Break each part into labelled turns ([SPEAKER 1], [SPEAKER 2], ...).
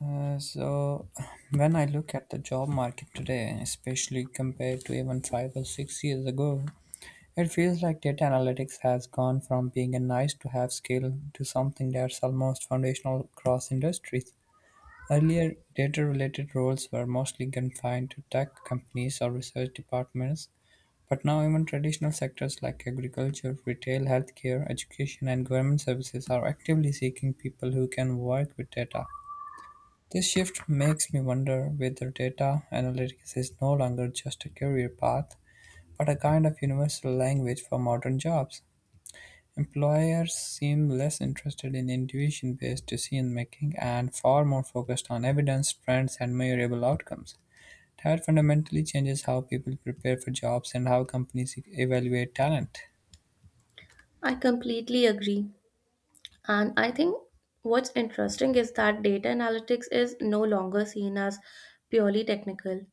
[SPEAKER 1] So when I look at the job market today, especially compared to even 5 or 6 years ago, it feels like data analytics has gone from being a nice to have skill to something that's almost foundational across industries. Earlier, data related roles were mostly confined to tech companies or research departments, but now even traditional sectors like agriculture, retail, healthcare, education, and government services are actively seeking people who can work with data. This shift makes me wonder whether data analytics is no longer just a career path, but a kind of universal language for modern jobs. Employers seem less interested in intuition based decision making and far more focused on evidence, trends, and measurable outcomes. That fundamentally changes how people prepare for jobs and how companies evaluate talent.
[SPEAKER 2] I completely agree. And I think what's interesting is that data analytics is no longer seen as purely technical.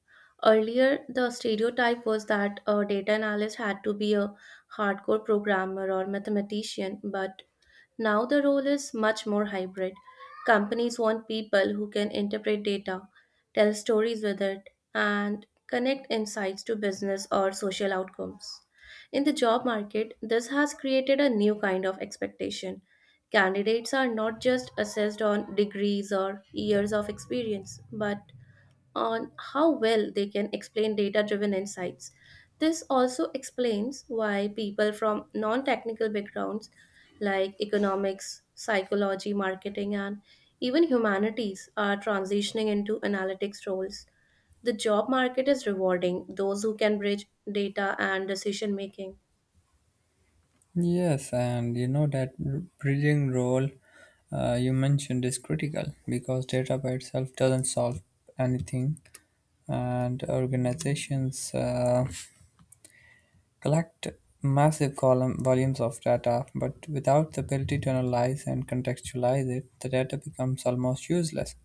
[SPEAKER 2] Earlier, the stereotype was that a data analyst had to be a hardcore programmer or mathematician, but now the role is much more hybrid. Companies want people who can interpret data, tell stories with it, and connect insights to business or social outcomes. In the job market, this has created a new kind of expectation. Candidates are not just assessed on degrees or years of experience, but on how well they can explain data driven insights. This also explains why people from non technical backgrounds like economics, psychology, marketing, and even humanities are transitioning into analytics roles. The job market is rewarding those who can bridge data and decision making.
[SPEAKER 1] Yes, and you know that bridging role you mentioned is critical because data by itself doesn't solve anything, and organizations collect massive column volumes of data, but without the ability to analyze and contextualize it, the data becomes almost useless.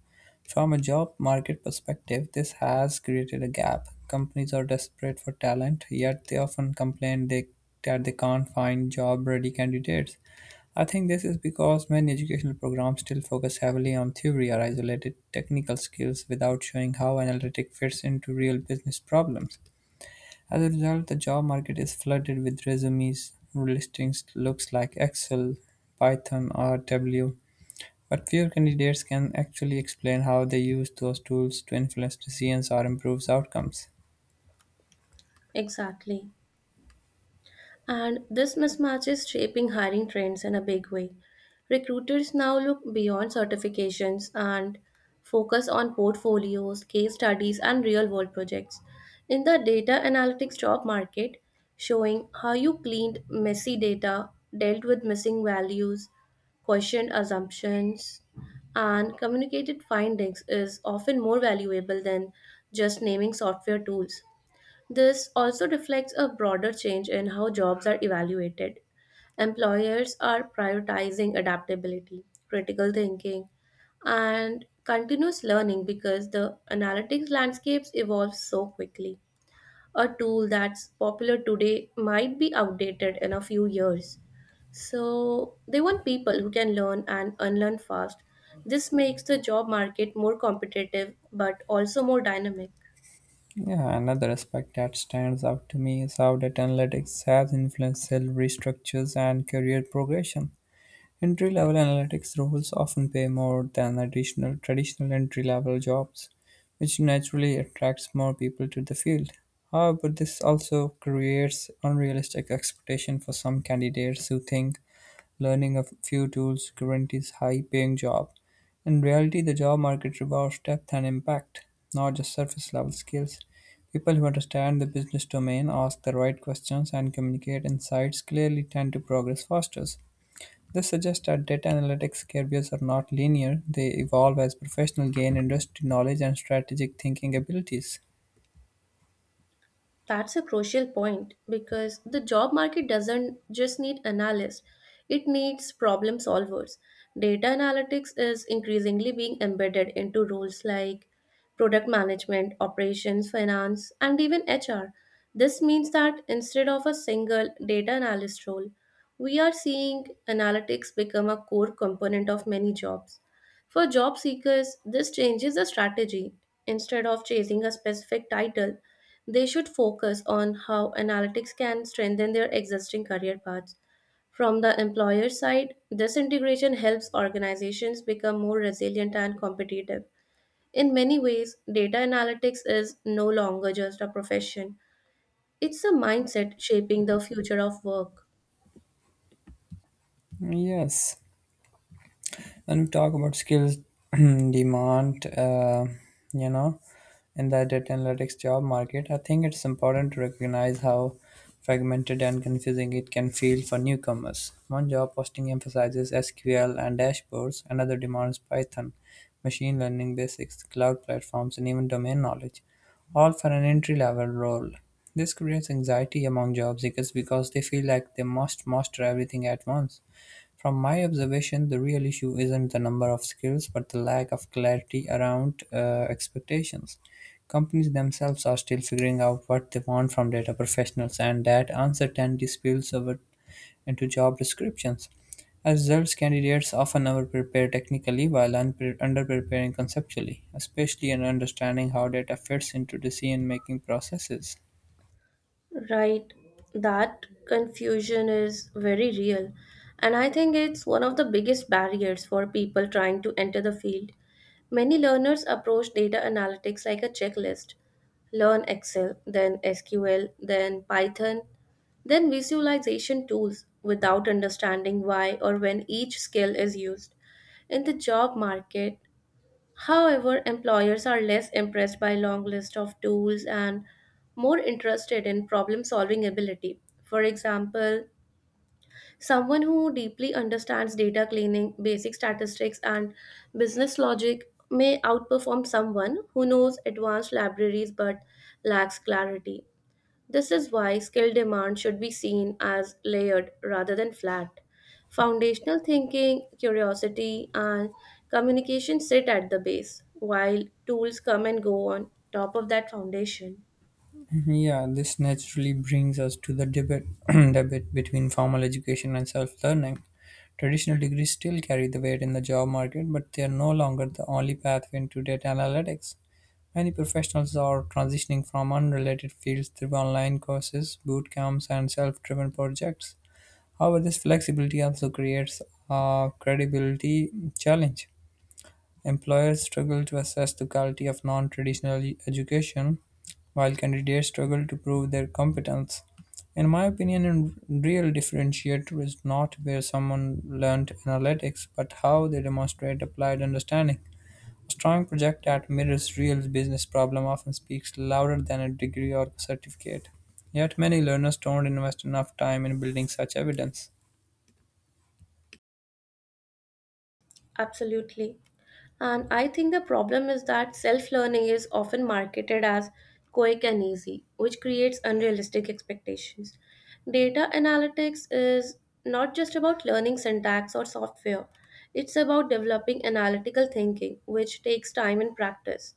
[SPEAKER 1] From a job market perspective, this has created a gap. Companies are desperate for talent, yet they often complain that they can't find job ready candidates. I think this is because many educational programs still focus heavily on theory or isolated technical skills without showing how analytic fits into real business problems. As a result, the job market is flooded with resumes listings looks like Excel, Python, or Tableau, but few candidates can actually explain how they use those tools to influence decisions or improve outcomes.
[SPEAKER 2] Exactly. And this mismatch is shaping hiring trends in a big way. Recruiters now look beyond certifications and focus on portfolios, case studies, and real world projects. In the data analytics job market, showing how you cleaned messy data, dealt with missing values, questioned assumptions, and communicated findings is often more valuable than just naming software tools. This also reflects a broader change in how jobs are evaluated. Employers are prioritizing adaptability, critical thinking, and continuous learning because the analytics landscapes evolve so quickly. A tool that's popular today might be outdated in a few years. So, they want people who can learn and unlearn fast. This makes the job market more competitive but also more dynamic.
[SPEAKER 1] Yeah, another aspect that stands out to me is how data analytics has influenced salary structures and career progression. Entry-level analytics roles often pay more than additional traditional entry-level jobs, which naturally attracts more people to the field. However, this also creates unrealistic expectation for some candidates who think learning a few tools guarantees high-paying job. In reality, the job market rewards depth and impact, not just surface-level skills. People who understand the business domain, ask the right questions, and communicate insights clearly tend to progress faster. This suggests that data analytics careers are not linear, they evolve as professionals gain industry knowledge and strategic thinking abilities.
[SPEAKER 2] That's a crucial point because the job market doesn't just need analysts, it needs problem solvers. Data analytics is increasingly being embedded into roles like product management, operations, finance, and even HR. This means that instead of a single data analyst role, we are seeing analytics become a core component of many jobs. For job seekers, this changes the strategy. Instead of chasing a specific title, they should focus on how analytics can strengthen their existing career paths. From the employer side, this integration helps organizations become more resilient and competitive. In many ways, data analytics is no longer just a profession, it's a mindset shaping the future of work.
[SPEAKER 1] Yes. When we talk about skills demand, you know in the data analytics job market, I think it's important to recognize how fragmented and confusing it can feel for newcomers. One job posting emphasizes SQL and dashboards, another demands Python, machine learning basics, cloud platforms, and even domain knowledge, all for an entry level role. This creates anxiety among job seekers because they feel like they must master everything at once. From my observation, the real issue isn't the number of skills, but the lack of clarity around expectations. Companies themselves are still figuring out what they want from data professionals, and that uncertainty spills over into job descriptions. As results, candidates often overprepare technically while underpreparing conceptually, especially in understanding how data fits into decision-making processes.
[SPEAKER 2] Right, that confusion is very real. And I think it's one of the biggest barriers for people trying to enter the field. Many learners approach data analytics like a checklist: learn Excel, then SQL, then Python, then visualization tools without understanding why or when each skill is used. In the job market, however, employers are less impressed by long list of tools and more interested in problem solving ability. For example, someone who deeply understands data cleaning, basic statistics, and business logic may outperform someone who knows advanced libraries but lacks clarity. This is why skill demand should be seen as layered rather than flat. Foundational thinking, curiosity, and communication sit at the base, while tools come and go on top of that foundation.
[SPEAKER 1] Mm-hmm. Yeah, this naturally brings us to the debate between formal education and self learning. Traditional degrees still carry the weight in the job market, but they are no longer the only pathway into data analytics. Many professionals are transitioning from unrelated fields through online courses, boot camps, and self driven projects. However, this flexibility also creates a credibility challenge. Employers struggle to assess the quality of non-traditional education, while candidates struggle to prove their competence. In my opinion, a real differentiator is not where someone learned analytics, but how they demonstrate applied understanding. A strong project that mirrors real business problem often speaks louder than a degree or certificate. Yet many learners don't invest enough time in building such evidence.
[SPEAKER 2] Absolutely. And I think the problem is that self learning is often marketed as quick and easy, which creates unrealistic expectations. Data analytics is not just about learning syntax or software, it's about developing analytical thinking, which takes time and practice.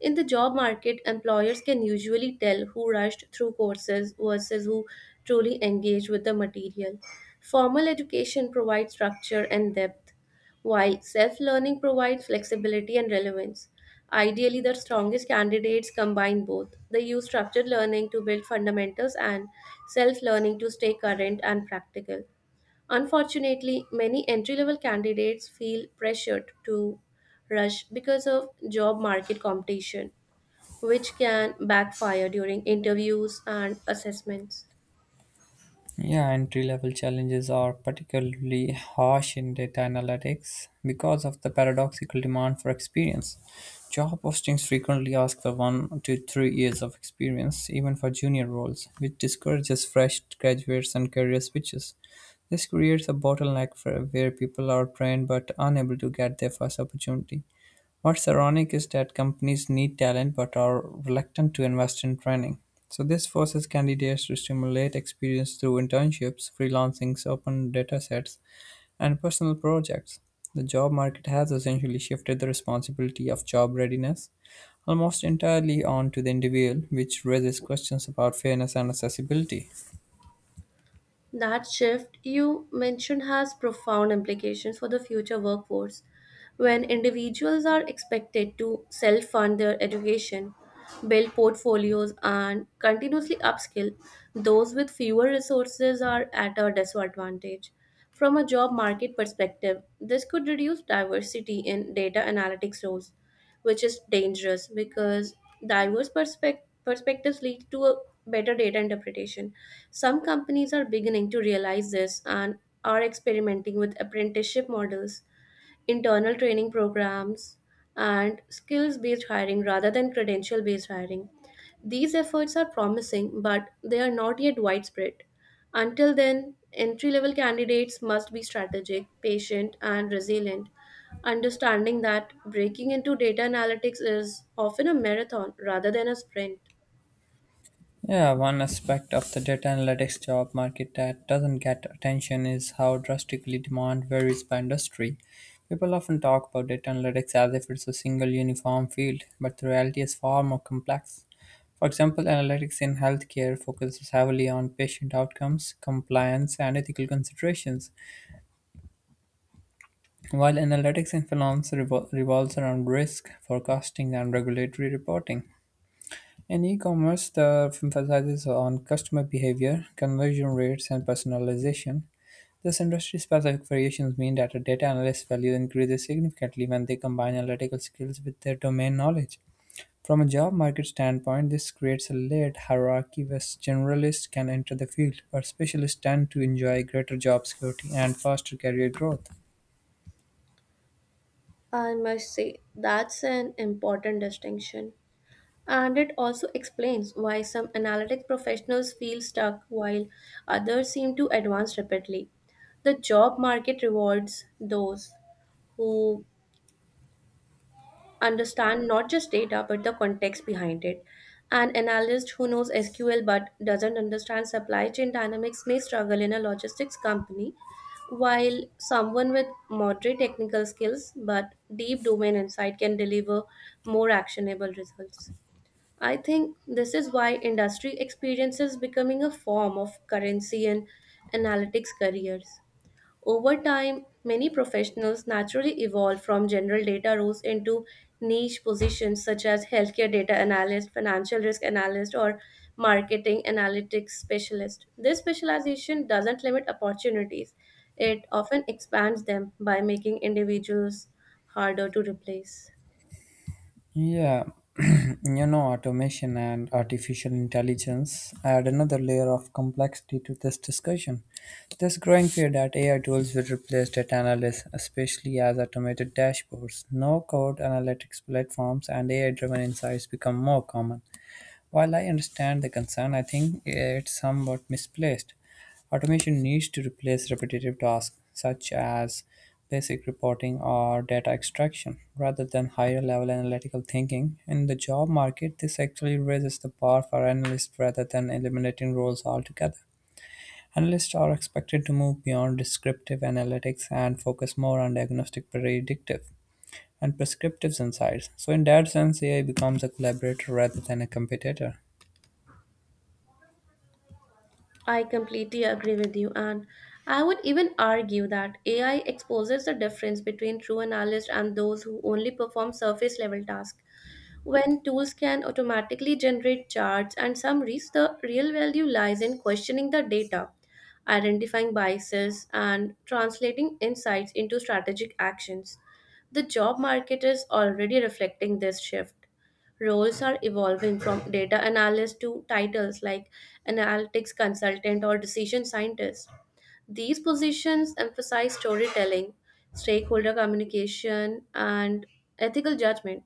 [SPEAKER 2] In the job market, employers can usually tell who rushed through courses versus who truly engaged with the material. Formal education provides structure and depth why self learning provides flexibility and relevance. Ideally, the strongest candidates combine both. They use structured learning to build fundamentals and self learning to stay current and practical. Unfortunately, many entry level candidates feel pressured to rush because of job market competition, which can backfire during interviews and assessments.
[SPEAKER 1] Yeah, entry level challenges are particularly harsh in data analytics because of the paradoxical demand for experience. Job postings frequently ask for 1 to 3 years of experience, even for junior roles, which discourages fresh graduates and career switches. This creates a bottleneck for where people are trained but unable to get their first opportunity. What's ironic is that companies need talent but are reluctant to invest in training. So, this forces candidates to stimulate experience through internships, freelancings, open data sets, and personal projects. The job market has essentially shifted the responsibility of job readiness almost entirely onto the individual, which raises questions about fairness and accessibility.
[SPEAKER 2] That shift you mentioned has profound implications for the future workforce. When individuals are expected to self fund their education, build portfolios, and continuously upskill, those with fewer resources are at a disadvantage. From a job market perspective, this could reduce diversity in data analytics roles, which is dangerous because diverse perspectives lead to a better data interpretation. Some companies are beginning to realize this and are experimenting with apprenticeship models, internal training programs, and skills based hiring rather than credential based hiring. These efforts are promising, but they are not yet widespread. Until then, entry level candidates must be strategic, patient, and resilient, understanding that breaking into data analytics is often a marathon rather than a sprint.
[SPEAKER 1] Yeah, one aspect of the data analytics job market that doesn't get attention is how drastically demand varies by industry. People often talk about data analytics as if it's a single uniform field, but the reality is far more complex. For example, analytics in healthcare focuses heavily on patient outcomes, compliance, and ethical considerations, while analytics in finance revolves around risk, forecasting, and regulatory reporting. In e-commerce, the emphasizes on customer behavior, conversion rates, and personalization. These industry-specific variations mean that a data analyst's value increases significantly when they combine analytical skills with their domain knowledge. From a job market standpoint, this creates a layered hierarchy where generalists can enter the field, but specialists tend to enjoy greater job security and faster career growth.
[SPEAKER 2] I must say, that's an important distinction. And it also explains why some analytics professionals feel stuck while others seem to advance rapidly. The job market rewards those who understand not just data but the context behind it. An analyst who knows SQL but doesn't understand supply chain dynamics may struggle in a logistics company, while someone with moderate technical skills but deep domain insight can deliver more actionable results. I think this is why industry experience is becoming a form of currency in analytics careers. Over time, many professionals naturally evolve from general data roles into niche positions such as healthcare data analyst, financial risk analyst, or marketing analytics specialist. This specialization doesn't limit opportunities, it often expands them by making individuals harder to replace.
[SPEAKER 1] Yeah, you know, automation and artificial intelligence add another layer of complexity to this discussion. There's growing fear that AI tools will replace data analysts, especially as automated dashboards, no code analytics platforms, and AI driven insights become more common. While I understand the concern, I think it's somewhat misplaced. Automation needs to replace repetitive tasks such as basic reporting or data extraction rather than higher level analytical thinking. In the job market, this actually raises the bar for analysts rather than eliminating roles altogether. Analysts are expected to move beyond descriptive analytics and focus more on diagnostic predictive and prescriptive insights. So, in that sense, AI becomes a collaborator rather than a competitor.
[SPEAKER 2] I completely agree with you, and I would even argue that AI exposes the difference between true analysts and those who only perform surface level tasks. When tools can automatically generate charts and summaries, the real value lies in questioning the data, identifying biases, and translating insights into strategic actions. The job market is already reflecting this shift. Roles are evolving from data analyst to titles like analytics consultant or decision scientist. These positions emphasize storytelling, stakeholder communication, and ethical judgment.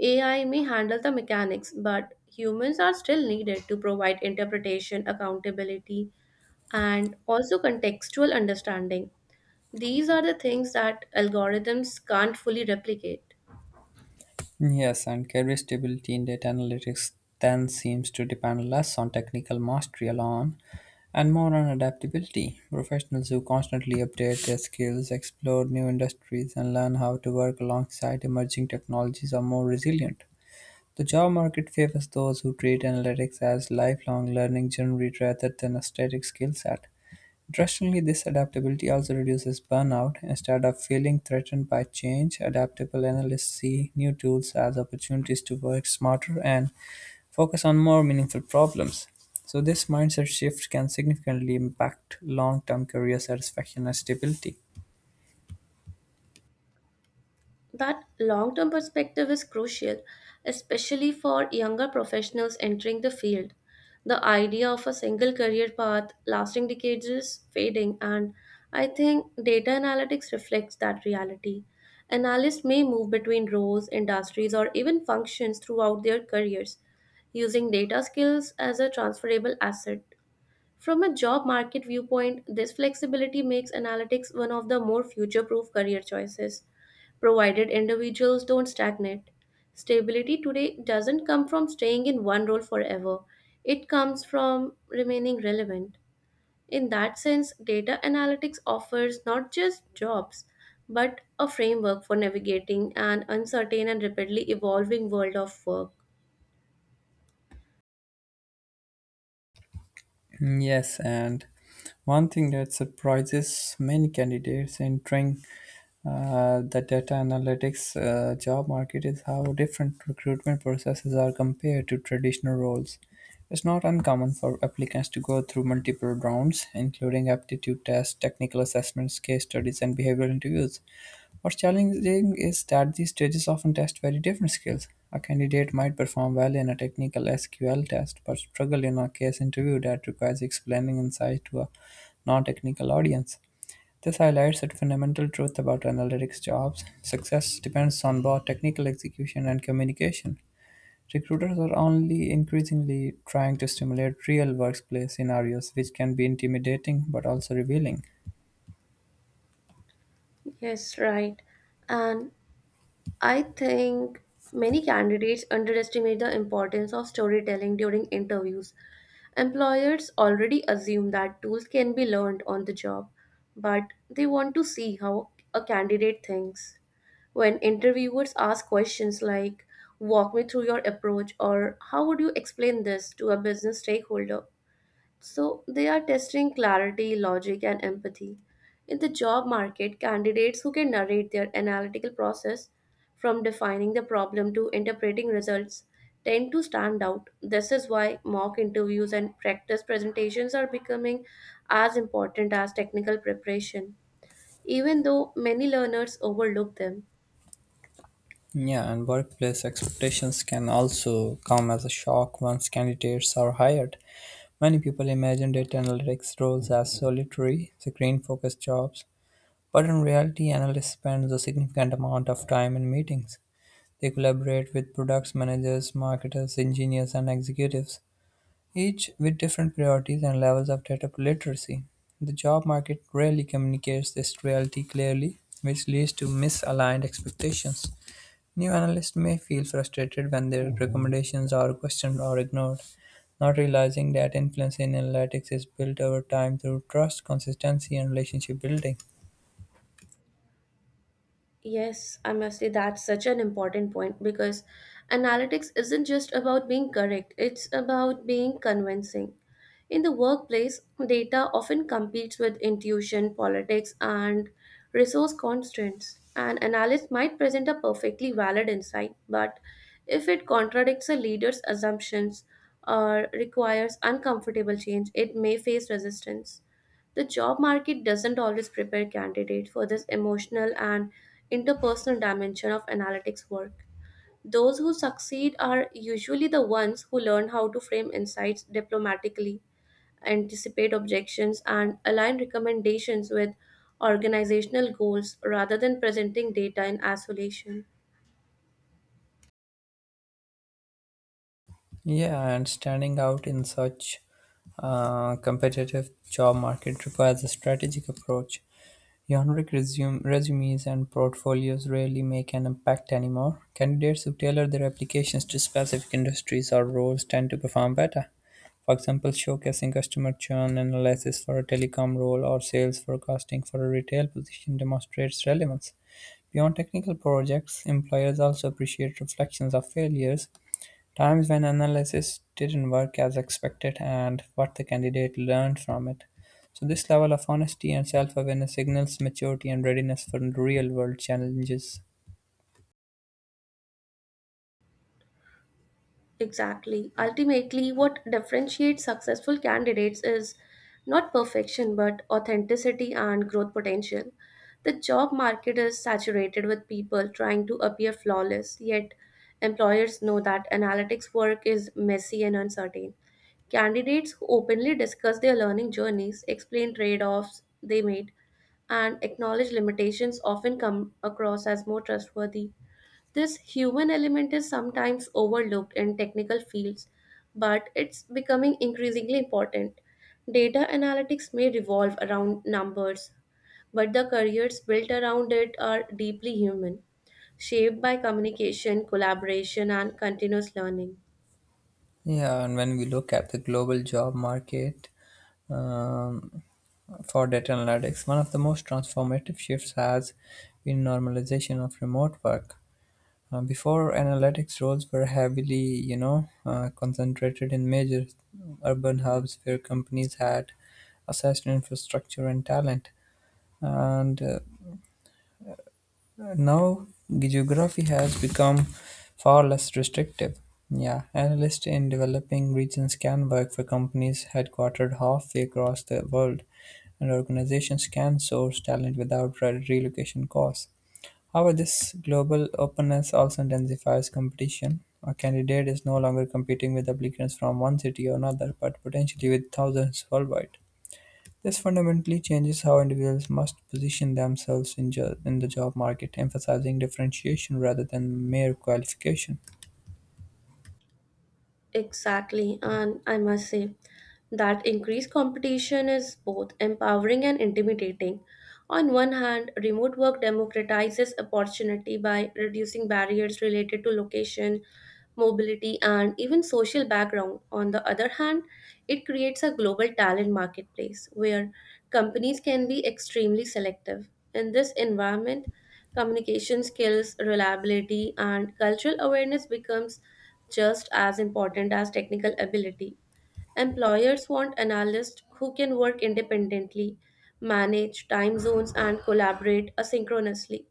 [SPEAKER 2] AI may handle the mechanics, but humans are still needed to provide interpretation, accountability, and also contextual understanding. These are the things that algorithms can't fully replicate.
[SPEAKER 1] Yes, and career stability in data analytics then seems to depend less on technical mastery alone and more on adaptability. Professionals who constantly update their skills, explore new industries, and learn how to work alongside emerging technologies are more resilient. The job market favors those who treat analytics as lifelong learning journey rather than a static skill set. Interestingly, this adaptability also reduces burnout. Instead of feeling threatened by change, adaptable analysts see new tools as opportunities to work smarter and focus on more meaningful problems. So, this mindset shift can significantly impact long term career satisfaction and stability.
[SPEAKER 2] That long term perspective is crucial, especially for younger professionals entering the field. The idea of a single career path lasting decades is fading, and I think data analytics reflects that reality. Analysts may move between roles, industries, or even functions throughout their careers, using data skills as a transferable asset. From a job market viewpoint, this flexibility makes analytics one of the more future proof career choices, provided individuals don't stagnate. Stability today doesn't come from staying in one role forever, it comes from remaining relevant. In that sense, data analytics offers not just jobs, but a framework for navigating an uncertain and rapidly evolving world of work.
[SPEAKER 1] Yes, and one thing that surprises many candidates entering the data analytics job market is how different recruitment processes are compared to traditional roles. It's not uncommon for applicants to go through multiple rounds, including aptitude tests, technical assessments, case studies, and behavioral interviews. What's challenging is that these stages often test very different skills. A candidate might perform well in a technical SQL test but struggle in a case interview that requires explaining insight to a non technical audience. This highlights a fundamental truth about analytics jobs. Success depends on both technical execution and communication. Recruiters are only increasingly trying to stimulate real workplace scenarios, which can be intimidating but also revealing.
[SPEAKER 2] Yes, right. And I think many candidates underestimate the importance of storytelling during interviews. Employers already assume that tools can be learned on the job, but they want to see how a candidate thinks. When interviewers ask questions like, "Walk me through your approach," or "How would you explain this to a business stakeholder?" So they are testing clarity, logic, and empathy. In the job market, candidates who can narrate their analytical process from defining the problem to interpreting results tend to stand out. This is why mock interviews and practice presentations are becoming as important as technical preparation, even though many learners overlook them.
[SPEAKER 1] Yeah, and workplace expectations can also come as a shock once candidates are hired. Many people imagine data analytics roles as solitary, screen focused jobs, but in reality, analysts spend a significant amount of time in meetings. They collaborate with products managers, marketers, engineers, and executives, each with different priorities and levels of data literacy. The job market rarely communicates this reality clearly, which leads to misaligned expectations. New analysts may feel frustrated when their recommendations are questioned or ignored, not realizing that influence in analytics is built over time through trust, consistency, and relationship building.
[SPEAKER 2] Yes, I must say that's such an important point because analytics isn't just about being correct, it's about being convincing. In the workplace, data often competes with intuition, politics, and resource constraints. An analyst might present a perfectly valid insight, but if it contradicts a leader's assumptions or requires uncomfortable change, it may face resistance. The job market doesn't always prepare candidates for this emotional and interpersonal dimension of analytics work. Those who succeed are usually the ones who learn how to frame insights diplomatically, anticipate objections, and align recommendations with organizational goals rather than presenting data in isolation.
[SPEAKER 1] Yeah, and standing out in such competitive job market requires a strategic approach. Resumes and portfolios rarely make an impact anymore. Candidates who tailor their applications to specific industries or roles tend to perform better. For example, showcasing customer churn analysis for a telecom role or sales forecasting for a retail position demonstrates relevance. Beyond technical projects, employers also appreciate reflections of failures. Times when analysis didn't work as expected and what the candidate learned from it. So, this level of honesty and self awareness signals maturity and readiness for real world challenges.
[SPEAKER 2] Exactly. Ultimately, what differentiates successful candidates is not perfection but authenticity and growth potential. The job market is saturated with people trying to appear flawless, yet employers know that analytics work is messy and uncertain. Candidates who openly discuss their learning journeys, explain trade offs they made, and acknowledge limitations often come across as more trustworthy. This human element is sometimes overlooked in technical fields, but it's becoming increasingly important. Data analytics may revolve around numbers, but the careers built around it are deeply human, shaped by communication, collaboration, and continuous learning.
[SPEAKER 1] Yeah, and when we look at the global job market um, for data analytics, one of the most transformative shifts has been normalization of remote work. Before analytics roles were heavily, concentrated in major urban hubs where companies had assessed infrastructure and talent. And now geography has become far less restrictive. Yeah, analysts in developing regions can work for companies headquartered halfway across the world, and organizations can source talent without relocation costs. However, this global openness also intensifies competition. A candidate is no longer competing with applicants from one city or another, but potentially with thousands worldwide. This fundamentally changes how individuals must position themselves in the job market, emphasizing differentiation rather than mere qualification.
[SPEAKER 2] Exactly, and I must say that increased competition is both empowering and intimidating. On one hand, remote work democratizes opportunity by reducing barriers related to location, mobility, and even social background. On the other hand, it creates a global talent marketplace where companies can be extremely selective. In this environment, communication skills, reliability, and cultural awareness becomes just as important as technical ability. Employers want analysts who can work independently, manage time zones, and collaborate asynchronously.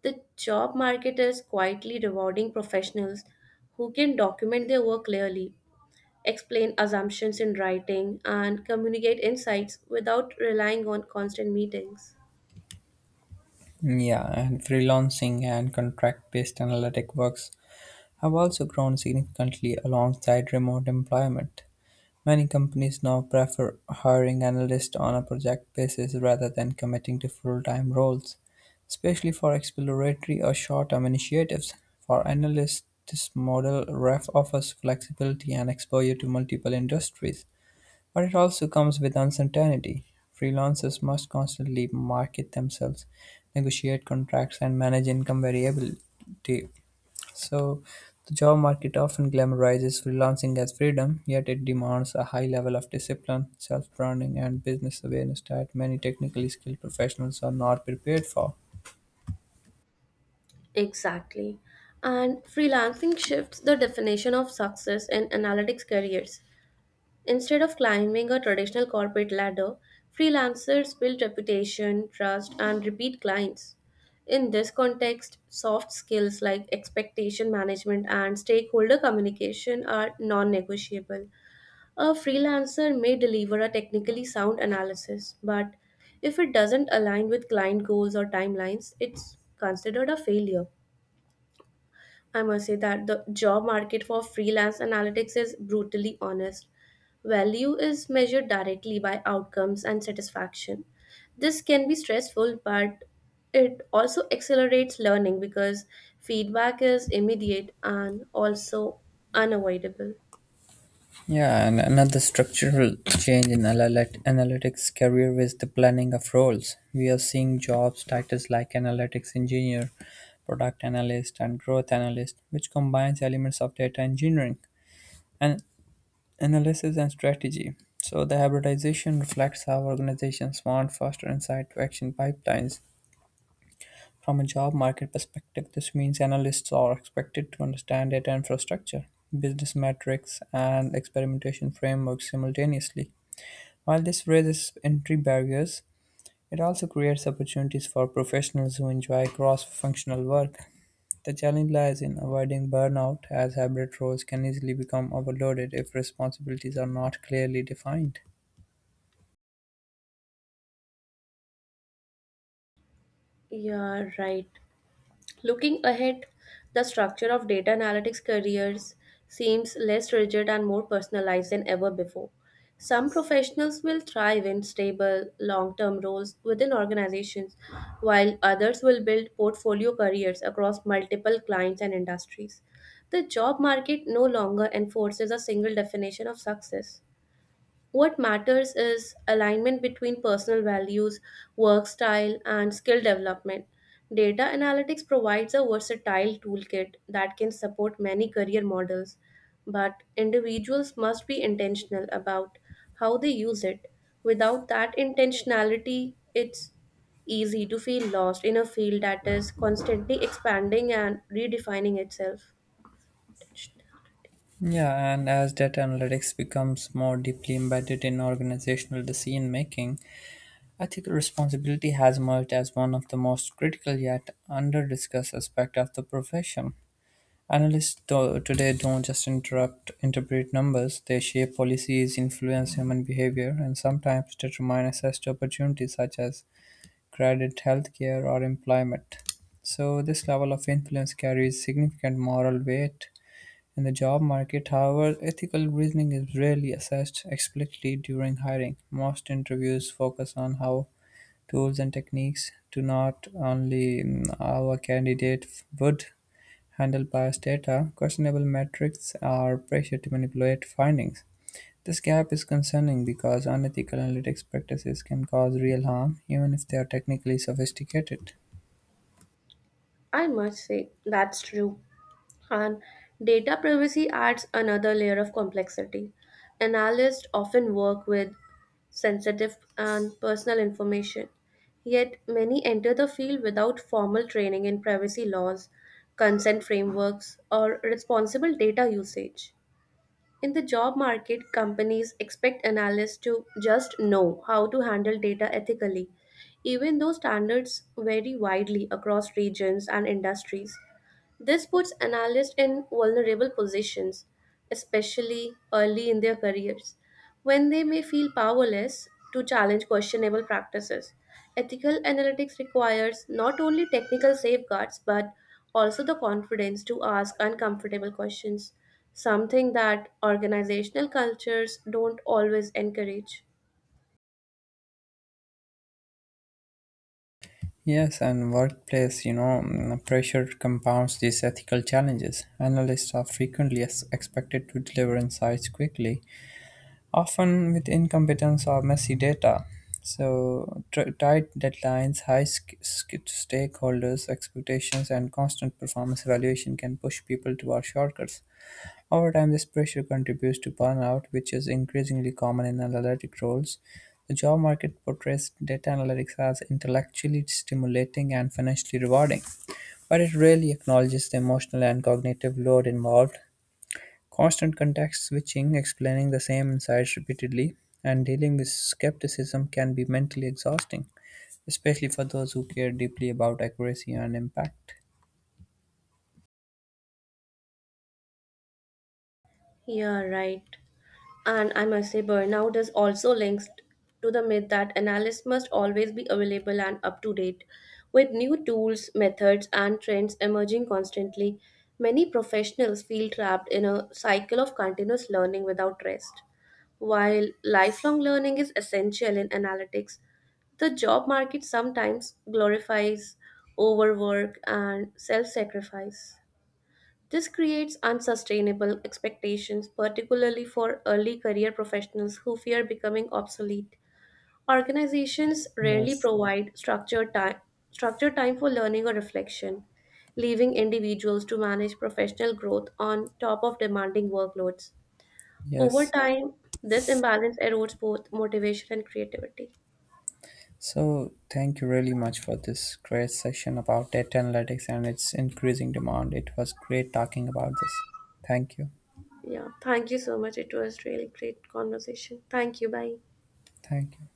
[SPEAKER 2] The job market is quietly rewarding professionals who can document their work clearly, explain assumptions in writing, and communicate insights without relying on constant meetings.
[SPEAKER 1] Yeah, and freelancing and contract based analytic works have also grown significantly alongside remote employment. Many companies now prefer hiring analysts on a project basis rather than committing to full-time roles, especially for exploratory or short-term initiatives. For analysts, this model ref offers flexibility and exposure to multiple industries, but it also comes with uncertainty. Freelancers must constantly market themselves, negotiate contracts, and manage income variability. So, the job market often glamorizes freelancing as freedom, yet it demands a high level of discipline, self branding, and business awareness that many technically skilled professionals are not prepared for.
[SPEAKER 2] Exactly. And freelancing shifts the definition of success in analytics careers. Instead of climbing a traditional corporate ladder, freelancers build reputation, trust, and repeat clients. In this context, soft skills like expectation management and stakeholder communication are non negotiable. A freelancer may deliver a technically sound analysis, but if it doesn't align with client goals or timelines, it's considered a failure. I must say that the job market for freelance analytics is brutally honest. Value is measured directly by outcomes and satisfaction. This can be stressful, but it also accelerates learning because feedback is immediate and also unavoidable.
[SPEAKER 1] Yeah, and another structural change in analytics career is the planning of roles. We are seeing jobs titles like analytics engineer, product analyst, and growth analyst, which combines elements of data engineering. And analysis and strategy. So the hybridization reflects how organizations want faster insight to action pipelines. From a job market perspective, this means analysts are expected to understand data infrastructure, business metrics, and experimentation frameworks simultaneously. While this raises entry barriers, it also creates opportunities for professionals who enjoy cross functional work. The challenge lies in avoiding burnout, as hybrid roles can easily become overloaded if responsibilities are not clearly defined.
[SPEAKER 2] Yeah, right. Looking ahead, the structure of data analytics careers seems less rigid and more personalized than ever before. Some professionals will thrive in stable, long term roles within organizations, while others will build portfolio careers across multiple clients and industries. The job market no longer enforces a single definition of success. What matters is alignment between personal values, work style, and skill development. Data analytics provides a versatile toolkit that can support many career models, but individuals must be intentional about how they use it. Without that intentionality, it's easy to feel lost in a field that is constantly expanding and redefining itself.
[SPEAKER 1] Yeah, and as data analytics becomes more deeply embedded in organizational decision making, ethical responsibility has emerged as one of the most critical yet under-discussed aspect of the profession. Analysts today don't just interrupt interpret numbers; they shape policies, influence human behavior, and sometimes determine access to opportunities such as credit, healthcare, or employment. So, this level of influence carries significant moral weight in the job market, however, ethical reasoning is rarely assessed explicitly during hiring. Most interviews focus on how tools and techniques do not only mm, how a candidate would handle biased data, questionable metrics are pressure to manipulate findings. This gap is concerning because unethical analytics practices can cause real harm, even if they are technically sophisticated.
[SPEAKER 2] I must say, that's true. And data privacy adds another layer of complexity. Analysts often work with sensitive and personal information, yet many enter the field without formal training in privacy laws, consent frameworks, or responsible data usage. In the job market, companies expect analysts to just know how to handle data ethically, even though standards vary widely across regions and industries. This puts analysts in vulnerable positions, especially early in their careers, when they may feel powerless to challenge questionable practices. Ethical analytics requires not only technical safeguards but also the confidence to ask uncomfortable questions, something that organizational cultures don't always encourage.
[SPEAKER 1] Yes, and workplace pressure compounds these ethical challenges. Analysts are frequently expected to deliver insights quickly, often with incompetence or messy data. So, tight deadlines, high stakeholders' expectations, and constant performance evaluation can push people toward shortcuts. Over time, this pressure contributes to burnout, which is increasingly common in analytic roles. The job market portrays data analytics as intellectually stimulating and financially rewarding, but it rarely acknowledges the emotional and cognitive load involved. Constant context switching, explaining the same insights repeatedly, and dealing with skepticism can be mentally exhausting, especially for those who care deeply about accuracy and impact.
[SPEAKER 2] Yeah, right. And I must say, burnout is also linked to the myth that analysts must always be available and up to date. With new tools, methods, and trends emerging constantly, many professionals feel trapped in a cycle of continuous learning without rest. While lifelong learning is essential in analytics, the job market sometimes glorifies overwork and self sacrifice. This creates unsustainable expectations, particularly for early career professionals who fear becoming obsolete. Organizations rarely
[SPEAKER 1] Yes,
[SPEAKER 2] provide structured time for learning or reflection, leaving individuals to manage professional growth on top of demanding workloads. Over
[SPEAKER 1] yes.
[SPEAKER 2] time, this imbalance erodes both motivation and creativity.
[SPEAKER 1] So, thank you really much for this great session about data analytics and its increasing demand. It was great talking about this. Thank you.
[SPEAKER 2] Yeah, thank you so much. It was really great conversation. Thank you. Bye.
[SPEAKER 1] Thank you.